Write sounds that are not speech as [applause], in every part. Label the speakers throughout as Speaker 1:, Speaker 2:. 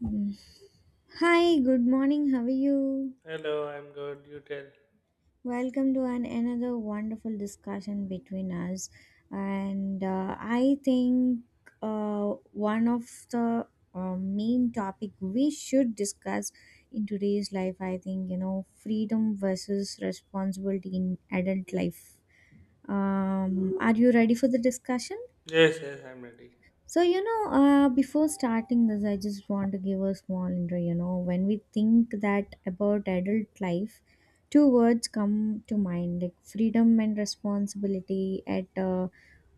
Speaker 1: Mm. Hi, good morning. How are you?
Speaker 2: Hello, I'm good. You tell.
Speaker 1: Welcome to another wonderful discussion between us. And I think one of the main topic we should discuss in today's life, I think, you know, freedom versus responsibility in adult life. Are you ready for the discussion?
Speaker 2: Yes, yes, I'm ready.
Speaker 1: So, before starting this, I just want to give a small intro. You know, when we think that about adult life, two words come to mind, like freedom and responsibility. At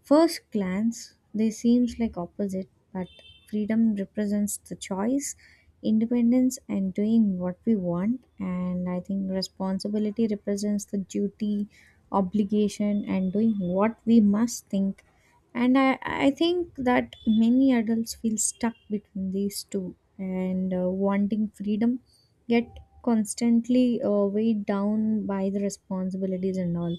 Speaker 1: first glance, they seems like opposite, but freedom represents the choice, independence, and doing what we want. And I think responsibility represents the duty, obligation, and doing what we must think. And I think that many adults feel stuck between these two, and wanting freedom yet constantly weighed down by the responsibilities and all.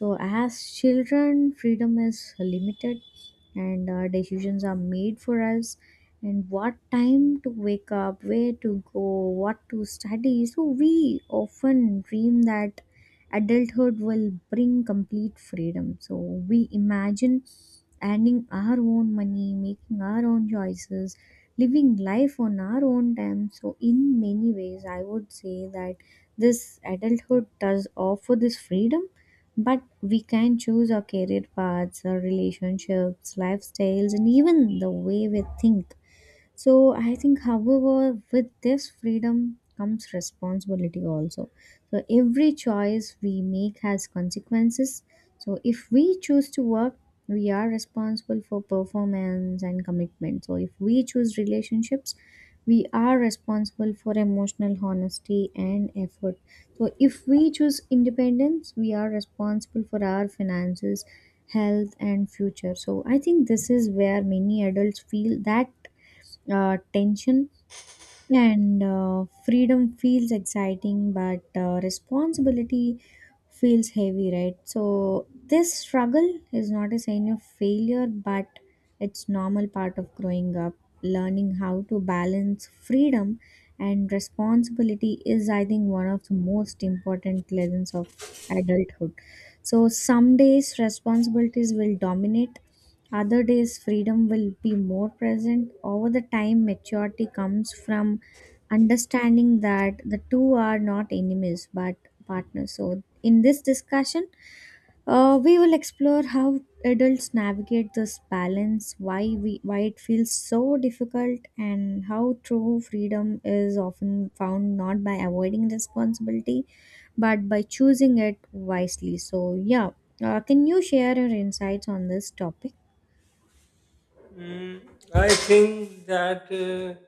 Speaker 1: So as children, freedom is limited, and our decisions are made for us, and what time to wake up, where to go, what to study. So we often dream that adulthood will bring complete freedom, so we imagine earning our own money, making our own choices, living life on our own time. So in many ways, I would say that this adulthood does offer this freedom, but we can choose our career paths, our relationships, lifestyles, and even the way we think. So I think, however, with this freedom comes responsibility also. So every choice we make has consequences. So if we choose to work, we are responsible for performance and commitment. So if we choose relationships, we are responsible for emotional honesty and effort. So if we choose independence, we are responsible for our finances, health, and future. So I think this is where many adults feel that tension, and freedom feels exciting but responsibility feels heavy, right? So this struggle is not a sign of failure, but it's normal part of growing up. Learning how to balance freedom and responsibility is, I think, one of the most important lessons of adulthood. So some days responsibilities will dominate, other days freedom will be more present. Over the time, maturity comes from understanding that the two are not enemies but partners. So in this discussion, we will explore how adults navigate this balance, why it feels so difficult, and how true freedom is often found not by avoiding responsibility but by choosing it wisely. So, yeah, can you share your insights on this topic?
Speaker 2: Mm, I think that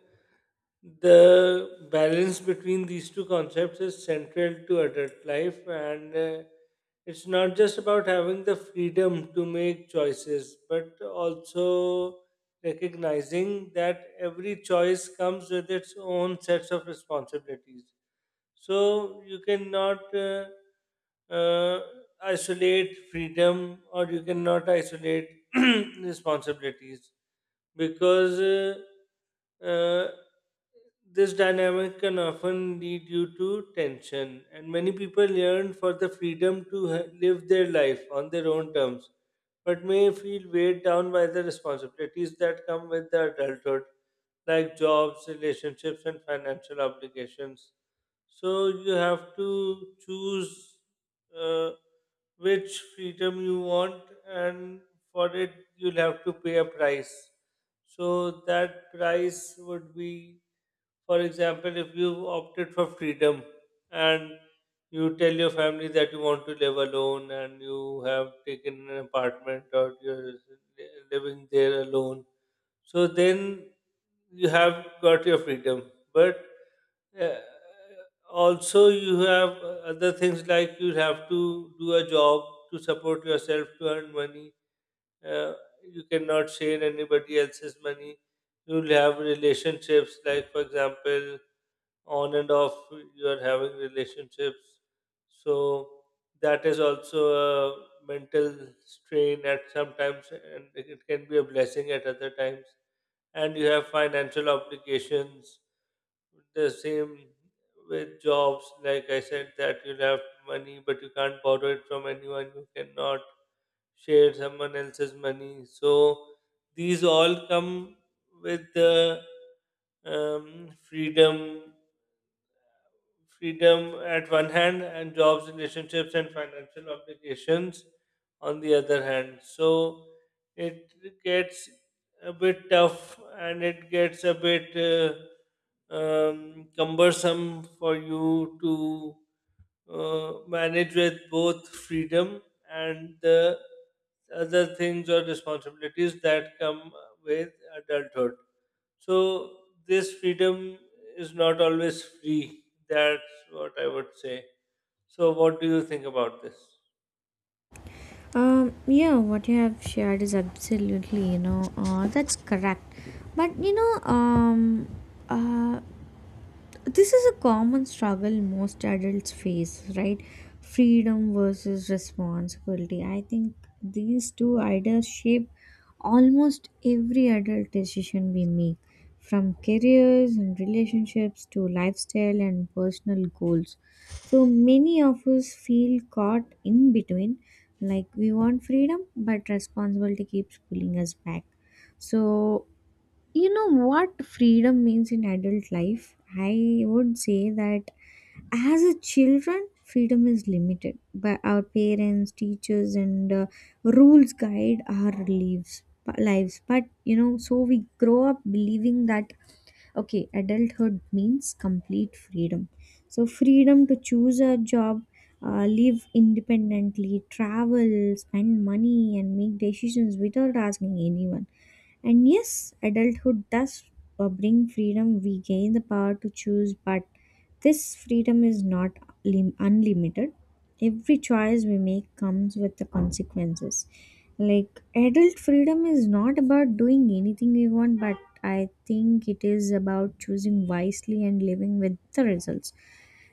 Speaker 2: the balance between these two concepts is central to adult life, and it's not just about having the freedom to make choices, but also recognizing that every choice comes with its own sets of responsibilities. So you cannot uh, isolate freedom or you cannot isolate [clears throat] responsibilities because this dynamic can often lead you to tension, and many people yearn for the freedom to live their life on their own terms, but may feel weighed down by the responsibilities that come with the adulthood, like jobs, relationships, and financial obligations. So you have to choose uh, which freedom you want, and for it you'll have to pay a price. So that price would be, for example, if you opted for freedom and you tell your family that you want to live alone and you have taken an apartment or you're living there alone, so then you have got your freedom. But uh, also, you have other things like you have to do a job to support yourself, to earn money. uh, you cannot share anybody else's money. You'll have relationships, like, for example, on and off, you are having relationships. So that is also a mental strain at sometimes, and it can be a blessing at other times. And you have financial obligations, the same with jobs, like I said, that you'll have money, but you can't borrow it from anyone, you cannot share someone else's money. So these all come with the um, freedom freedom at one hand and jobs, relationships, and financial obligations on the other hand. So it gets a bit tough, and it gets a bit cumbersome for you to manage with both freedom and the other things or responsibilities that come with adulthood. So this freedom is not always free. That's what I would say. So what do you think about this?
Speaker 1: Yeah, what you have shared is absolutely, you know, that's correct. But you know, uh, this is a common struggle most adults face, right? Freedom versus responsibility, I think these two ideas shape almost every adult decision we make, from careers and relationships to lifestyle and personal goals. So many of us feel caught in between, like we want freedom but responsibility keeps pulling us back. So you know what freedom means in adult life? I would say that as a children, freedom is limited by our parents, teachers, and rules guide our lives. Lives, but you know, so we grow up believing that okay, adulthood means complete freedom. So freedom to choose a job, live independently, travel, spend money, and make decisions without asking anyone. And yes, adulthood does bring freedom. We gain the power to choose, but this freedom is not unlimited. Every choice we make comes with the consequences. Like, adult freedom is not about doing anything we want, but I think it is about choosing wisely and living with the results.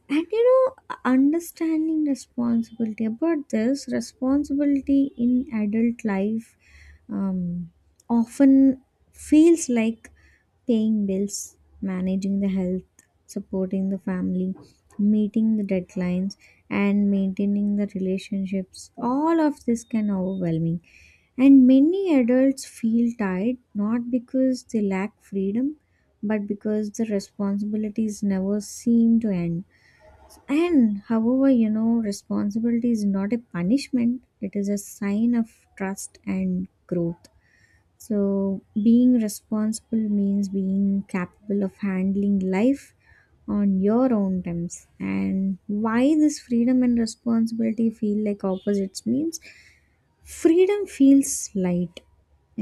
Speaker 1: And you know, understanding responsibility, about this responsibility in adult life, um, often feels like paying bills, managing the health, supporting the family, meeting the deadlines, and maintaining the relationships. All of this can overwhelming. And many adults feel tired not because they lack freedom, but because the responsibilities never seem to end. And however, you know, responsibility is not a punishment, it is a sign of trust and growth. So being responsible means being capable of handling life on your own terms. And why this freedom and responsibility feel like opposites means freedom feels light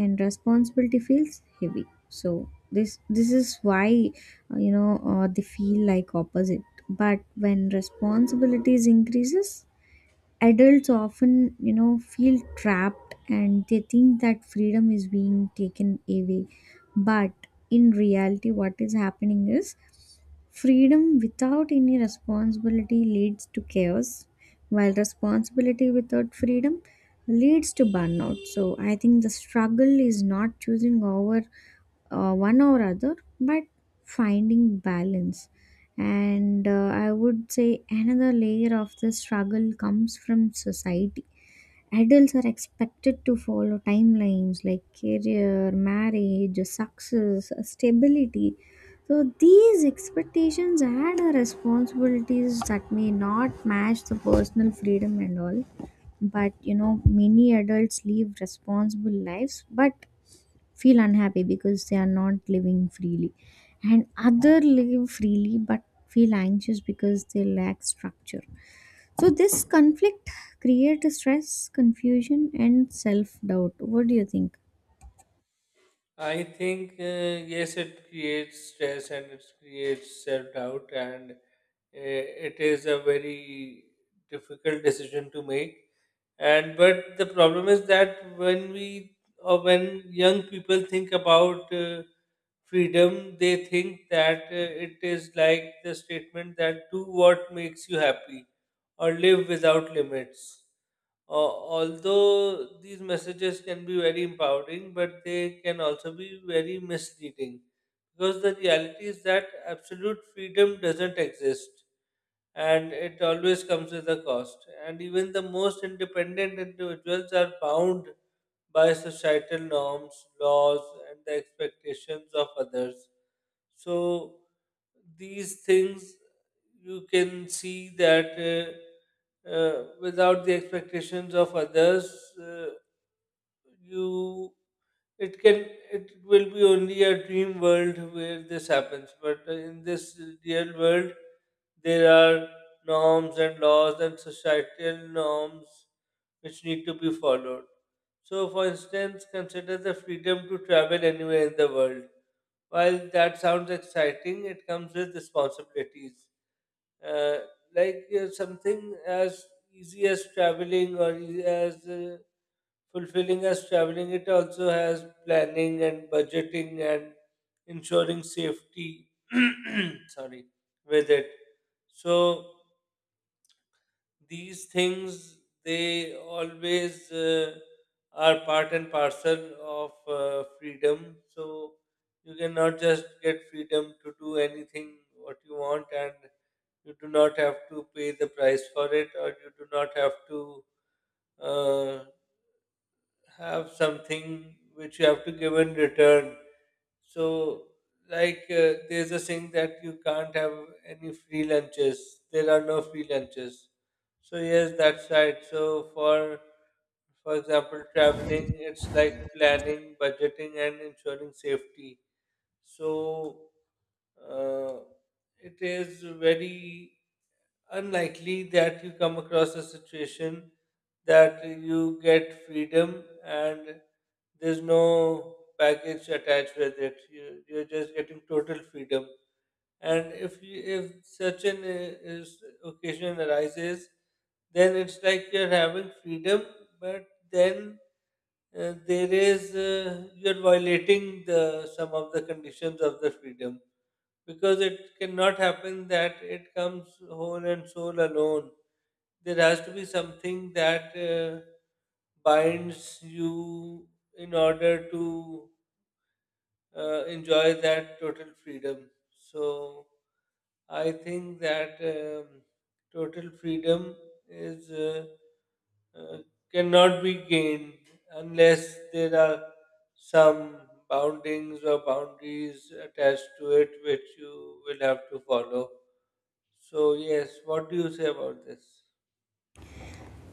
Speaker 1: and responsibility feels heavy. So this is why they feel like opposite. But when responsibilities increases, adults often, you know, feel trapped, and they think that freedom is being taken away. But in reality, what is happening is freedom without any responsibility leads to chaos, while responsibility without freedom leads to burnout. So I think the struggle is not choosing over one or other, but finding balance. And I would say another layer of the struggle comes from society. Adults are expected to follow timelines like career, marriage, success, stability. So these expectations add a responsibilities that may not match the personal freedom and all. But you know, many adults live responsible lives but feel unhappy because they are not living freely. And other live freely but feel anxious because they lack structure. So this conflict creates stress, confusion, and self doubt. What do you think?
Speaker 2: I think yes, it creates stress and it creates self doubt, and it is a very difficult decision to make. And but the problem is that when we or when young people think about freedom, they think that it is like the statement that do what makes you happy or live without limits. Although these messages can be very empowering, but they can also be very misleading, because the reality is that absolute freedom doesn't exist, and it always comes with a cost. And even the most independent individuals are bound by societal norms, laws, and the expectations of others. So these things, you can see that without the expectations of others, uh, you it can it will be only a dream world where this happens. But in this real world there are norms and laws and societal norms which need to be followed. So, for instance, consider the freedom to travel anywhere in the world. While that sounds exciting, it comes with responsibilities uh, like something as easy as traveling or e- as fulfilling as traveling, it also has planning and budgeting and ensuring safety. [clears throat] Sorry, with it. So these things they always are part and parcel of freedom. So you cannot just get freedom to do anything what you want and you do not have to pay the price for it, or you do not have to uh, have something which you have to give in return. So, like, there's a saying that you can't have any free lunches. There are no free lunches. So yes, that's right. So for example, traveling, it's like planning, budgeting, and ensuring safety. So uh, it is very unlikely that you come across a situation that you get freedom and there's no baggage attached with it. You're just getting total freedom. And if you, if such an is occasion arises, then it's like you're having freedom, but then there is you're violating the some of the conditions of the freedom, because it cannot happen that it comes whole and soul alone. There has to be something that binds you in order to enjoy that total freedom. So I think that total freedom is uh, cannot be gained unless there are some boundings or boundaries attached to it, which you will have to follow. So yes, what do you say about this?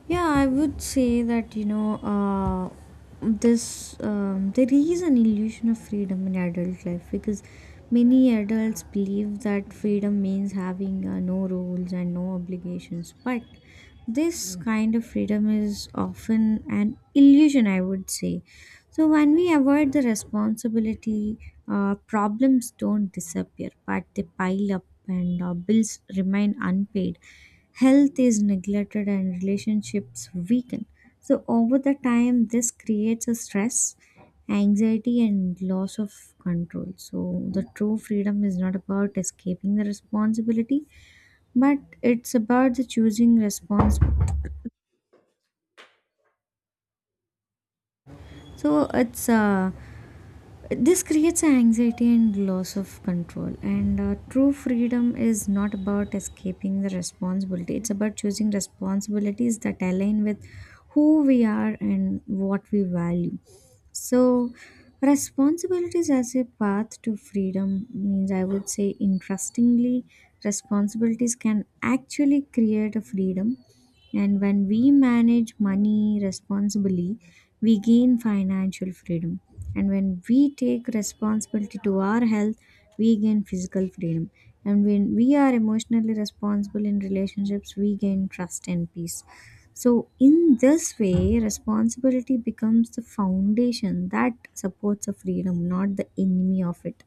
Speaker 1: Yeah, I would say that you know this there is an illusion of freedom in adult life because many adults believe that freedom means having no rules and no obligations, but this kind of freedom is often an illusion, I would say. So when we avoid the responsibility, problems don't disappear, but they pile up, and bills remain unpaid, health is neglected, and relationships weaken. So over the time, this creates a stress, anxiety, and loss of control. So the true freedom is not about escaping the responsibility, but it's about the choosing response. So, it's This creates an anxiety and loss of control. And true freedom is not about escaping the responsibility, it's about choosing responsibilities that align with who we are and what we value. So responsibilities as a path to freedom means, I would say, interestingly, responsibilities can actually create a freedom. And when we manage money responsibly, we gain financial freedom. And when we take responsibility to our health, we gain physical freedom. And when we are emotionally responsible in relationships, we gain trust and peace. So in this way, responsibility becomes the foundation that supports a freedom, not the enemy of it.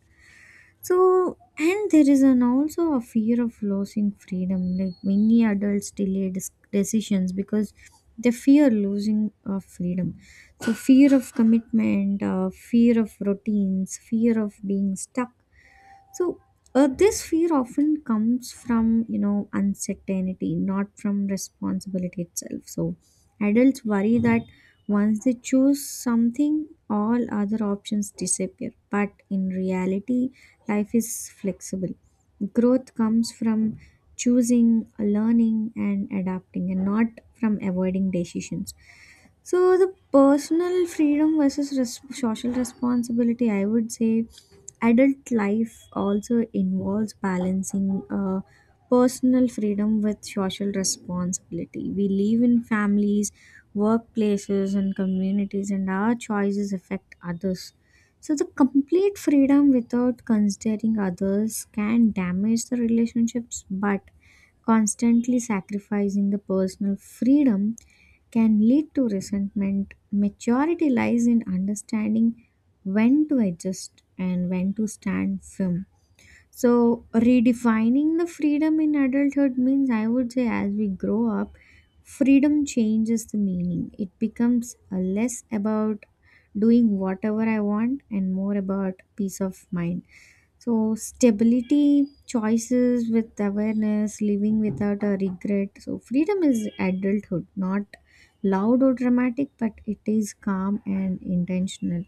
Speaker 1: So, and there is an also a fear of losing freedom. Like many adults delay decisions because they fear losing of freedom. So fear of commitment, fear of routines, fear of being stuck, so this fear often comes from, you know, uncertainty, not from responsibility itself. So adults worry that once they choose something, all other options disappear. But in reality, life is flexible. Growth comes from choosing, learning, and adapting, and not from avoiding decisions. So the personal freedom versus social responsibility, I would say, adult life also involves balancing personal freedom with social responsibility. We live in families, workplaces, and communities, and our choices affect others. So the complete freedom without considering others can damage the relationships, but constantly sacrificing the personal freedom can lead to resentment. Maturity lies in understanding when to adjust and when to stand firm. So redefining the freedom in adulthood means, I would say, as we grow up, freedom changes the meaning. It becomes less about doing whatever I want and more about peace of mind. So stability, choices with awareness, living without a regret. So freedom is adulthood, not loud or dramatic, but it is calm and intentional.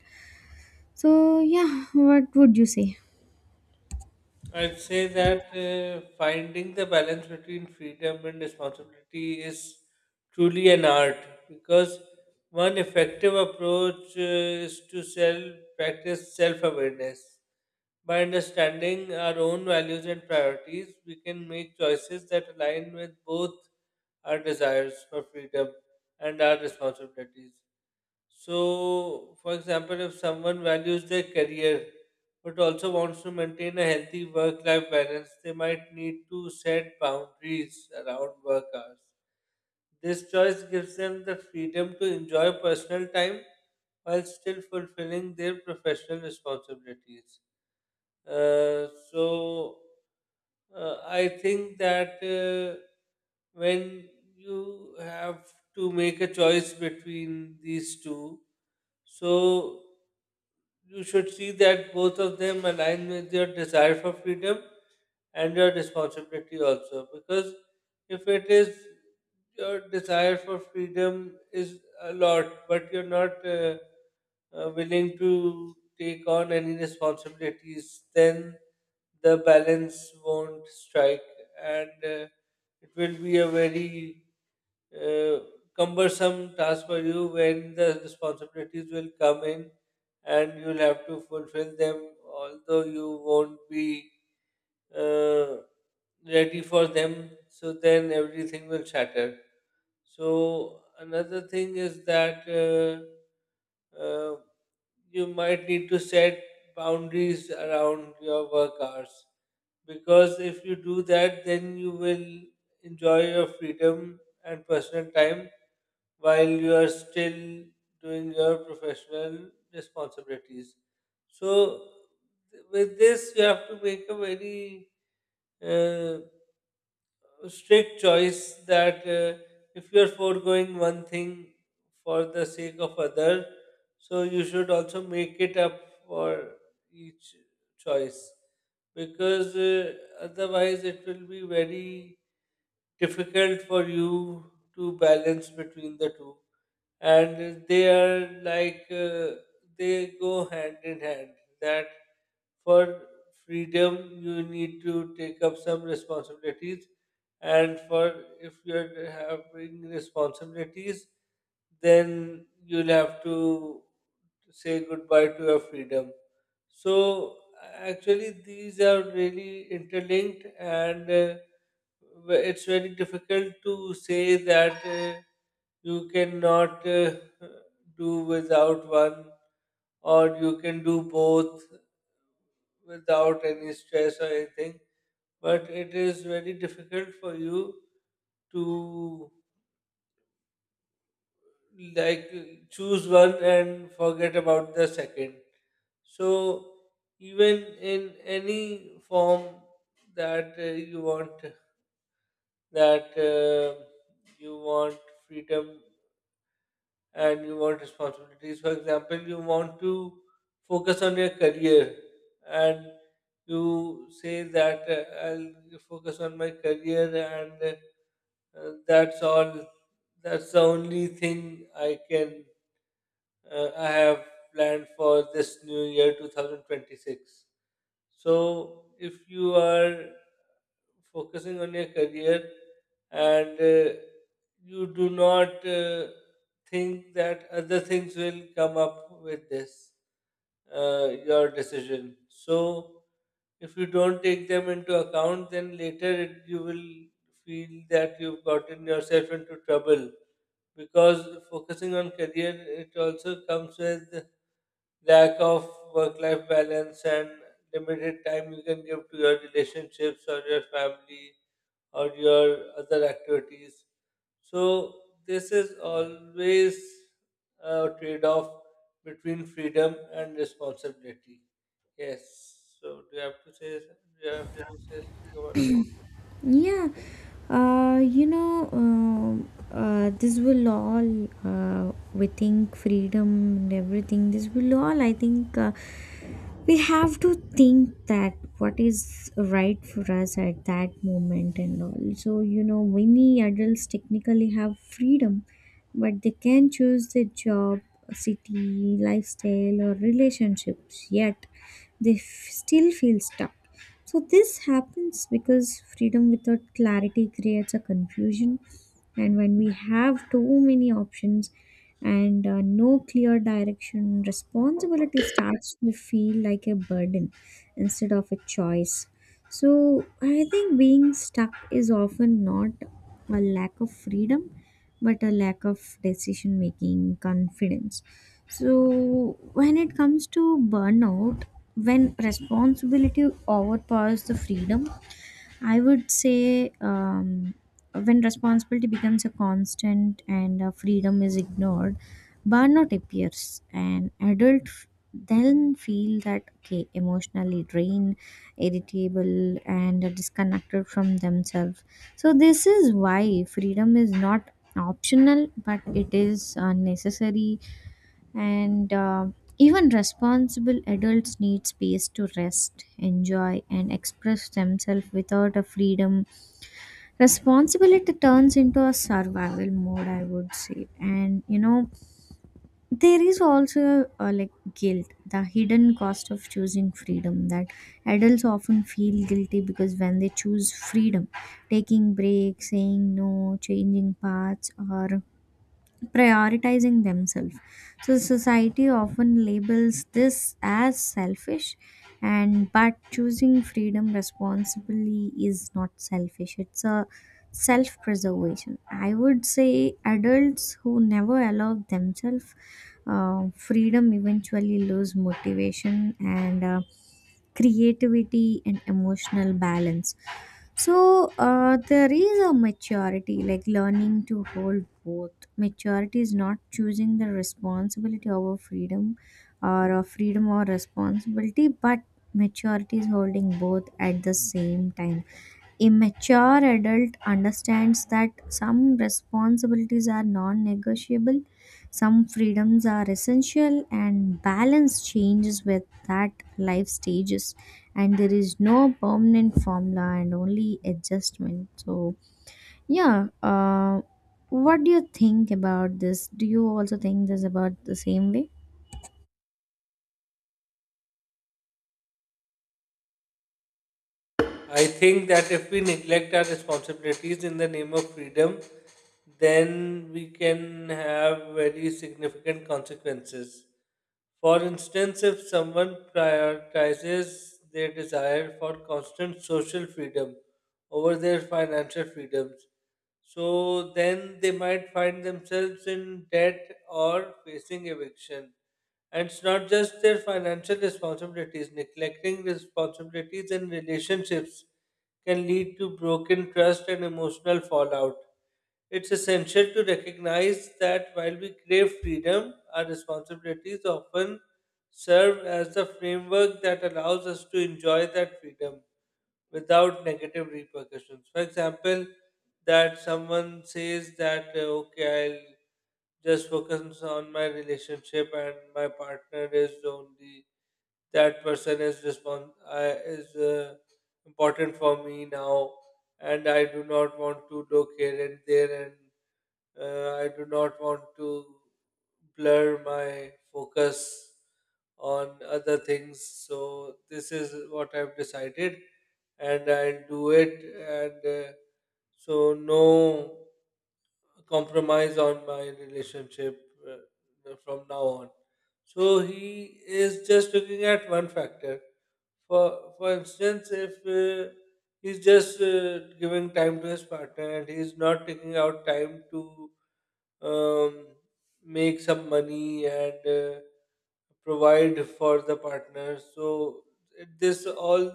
Speaker 1: So, yeah, what would you say?
Speaker 2: I'd say that finding the balance between freedom and responsibility is truly an art, because one effective approach is to self practice self awareness. By understanding our own values and priorities, we can make choices that align with both our desires for freedom and our responsibilities. So, for example, if someone values their career but also wants to maintain a healthy work life balance, they might need to set boundaries around work hours. This choice gives them the freedom to enjoy personal time while still fulfilling their professional responsibilities. Uh, so, I think that when you have to make a choice between these two, so you should see that both of them align with your desire for freedom and your responsibility also. Because if it is your desire for freedom is a lot, but you're not willing to take on any responsibilities, then the balance won't strike, and it will be a very uh, cumbersome task for you when the responsibilities will come in, and you'll have to fulfill them although you won't be uh, ready for them. So then everything will shatter. So another thing is that uh, you might need to set boundaries around your work hours, because if you do that, then you will enjoy your freedom and personal time while you are still doing your professional responsibilities. So, with this, you have to make a very uh, strict choice that if you are foregoing one thing for the sake of other, so you should also make it up for each choice, because otherwise it will be very difficult for you to balance between the two. And they are like they go hand in hand, that for freedom you need to take up some responsibilities, and for if you're having responsibilities, then you'll have to say goodbye to your freedom. So actually these are really interlinked, and it's very difficult to say that you cannot do without one, or you can do both without any stress or anything. But it is very difficult for you to, like, choose one and forget about the second. So even in any form that that uh, you want freedom and you want responsibilities. For example, you want to focus on your career, and you say that I'll focus on my career and that's all, that's the only thing I have planned for this new year 2026. So, if you are focusing on your career and you do not think that other things will come up with this, your decision. So, if you don't take them into account, then you will feel that you've gotten yourself into trouble, because focusing on career it also comes with lack of work life balance and limited time you can give to your relationships or your family or your other activities. So this is always a trade off between freedom and responsibility. Yes, so do you have to say do you have to say something about this?
Speaker 1: Yeah, this will all, we think freedom and everything, this will all, I think, we have to think that what is right for us at that moment and all. So, you know, many adults technically have freedom, but they can choose their job, city, lifestyle, or relationships, yet they still feel stuck. So this happens because freedom without clarity creates a confusion, and when we have too many options and no clear direction, responsibility starts to feel like a burden instead of a choice. So I think being stuck is often not a lack of freedom, but a lack of decision making confidence. So when it comes to burnout, when responsibility overpowers the freedom, I would say, when responsibility becomes a constant and freedom is ignored, burnout appears. And adult then feel that okay, emotionally drained, irritable, and disconnected from themselves. So this is why freedom is not optional, but it is necessary, and even responsible adults need space to rest, enjoy, and express themselves. Without a freedom, responsibility turns into a survival mode, I would say. And you know, there is also like guilt, the hidden cost of choosing freedom, that adults often feel guilty because when they choose freedom, taking breaks, saying no, changing paths, or prioritizing themselves. So society often labels this as selfish, and but choosing freedom responsibly is not selfish. It's a self preservation. I would say adults who never allow themselves freedom eventually lose motivation and creativity and emotional balance. So there is a maturity, like learning to hold both. Maturity is not choosing the responsibility over freedom, or responsibility, but maturity is holding both at the same time. A mature adult understands that some responsibilities are non negotiable, some freedoms are essential, and balance changes with that life stages. And there is no permanent formula, and only adjustment. So, yeah, what do you think about this? Do you also think this about the same way?
Speaker 2: I think that if we neglect our responsibilities in the name of freedom, then we can have very significant consequences. For instance, if someone prioritizes their desire for constant social freedom over their financial freedoms, so then they might find themselves in debt or facing eviction. And it's not just their financial responsibilities, neglecting responsibilities in relationships can lead to broken trust and emotional fallout. It's essential to recognize that while we crave freedom, our responsibilities often serve as the framework that allows us to enjoy that freedom without negative repercussions. For example, that someone says that, okay, I'll just focus on my relationship and my partner is only that person is respons- is important for me now, and I do not want to look here and there, and I do not want to blur my focus on other things. So this is what I've decided, and I'll do it. And so no compromise on my relationship from now on. So he is just looking at one factor. For instance, if he's just giving time to his partner and he's not taking out time to um, make some money and provide for the partner. So this all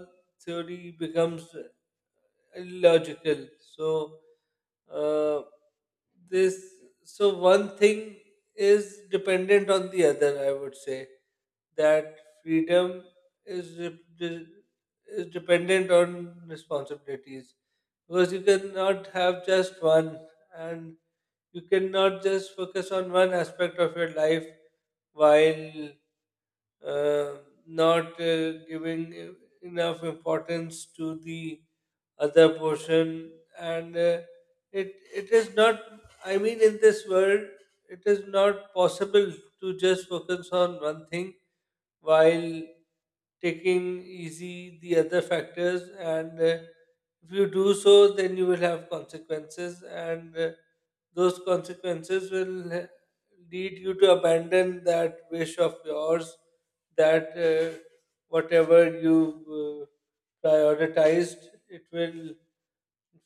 Speaker 2: theory becomes illogical. So uh, this so one thing is dependent on the other. I would say that freedom is de- de- is dependent on responsibilities, because you cannot have just one, and you cannot just focus on one aspect of your life while uh, not giving enough importance to the other portion. And it it is not, I mean, in this world it is not possible to just focus on one thing while taking easy the other factors. And if you do so, then you will have consequences, and those consequences will lead you to abandon that wish of yours, that whatever you prioritized, it will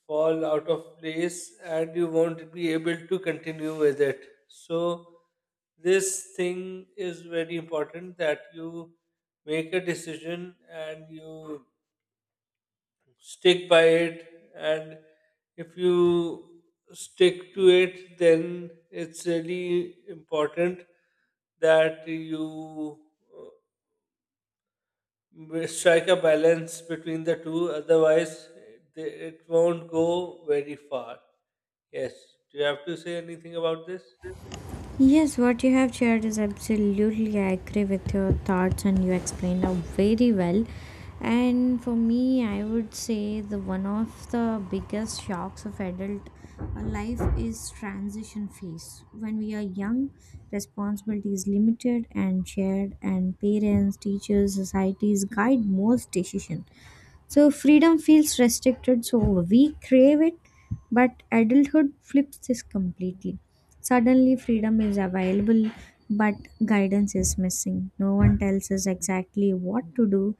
Speaker 2: fall out of place and you won't be able to continue with it. So, this thing is very important, that you make a decision and you stick by it. And if you stick to it, then it's really important that you uh, we strike a balance between the two, otherwise, it won't go very far. Yes. Do you have to say anything about this?
Speaker 1: Yes, what you have shared is absolutely. I agree with your thoughts, and you explained out very well. And for me, I would say the one of the biggest shocks of adult life is transition phase. When we are young, responsibility is limited and shared, and parents, teachers, societies guide most decision. So freedom feels restricted, so we crave it, but adulthood flips this completely. Suddenly, freedom is available, but guidance is missing. No one tells us exactly what to do,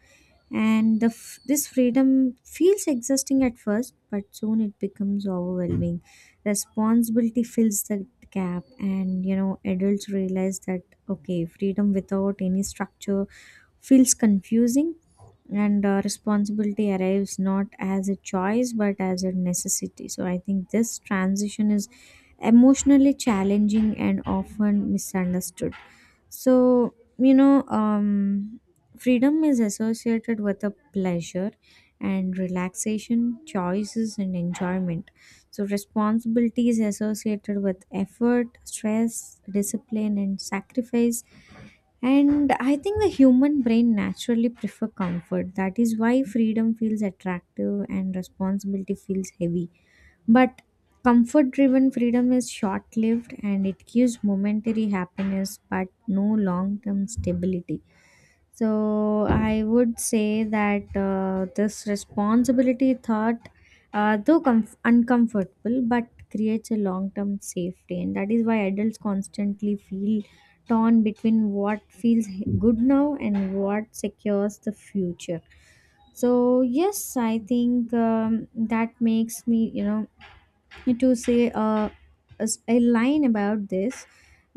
Speaker 1: and the this freedom feels exhausting at first, but soon it becomes overwhelming. Responsibility fills the gap, and you know, adults realize that okay, freedom without any structure feels confusing, and responsibility arrives not as a choice but as a necessity. So I think this transition is emotionally challenging and often misunderstood. So you know, freedom is associated with a pleasure and relaxation, choices and enjoyment. So responsibility is associated with effort, stress, discipline, and sacrifice. And I think the human brain naturally prefer comfort. That is why freedom feels attractive and responsibility feels heavy. But comfort driven freedom is short lived, and it gives momentary happiness but no long term stability. So I would say that this responsibility thought, though uncomfortable, but creates a long-term safety, and that is why adults constantly feel torn between what feels good now and what secures the future. So yes, I think that makes me, you know, to say a line about this.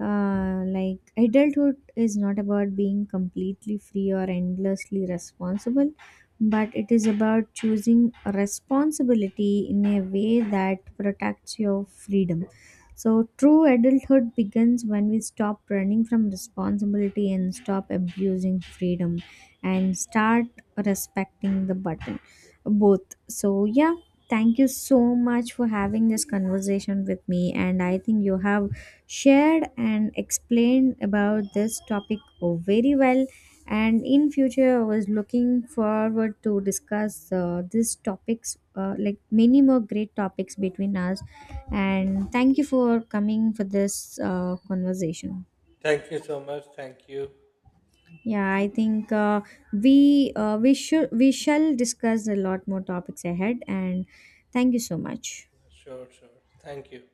Speaker 1: Like, adulthood is not about being completely free or endlessly responsible, but it is about choosing responsibility in a way that protects your freedom. So true adulthood begins when we stop running from responsibility and stop abusing freedom, and start respecting the button, both. So, yeah, thank you so much for having this conversation with me. And I think you have shared and explained about this topic, oh, very well. And in future, I was looking forward to discuss these topics, like many more great topics between us. And thank you for coming for this conversation.
Speaker 2: Thank you so much. Thank you.
Speaker 1: Yeah, I think we shall discuss a lot more topics ahead. And thank you so much.
Speaker 2: Sure, sure. Thank you.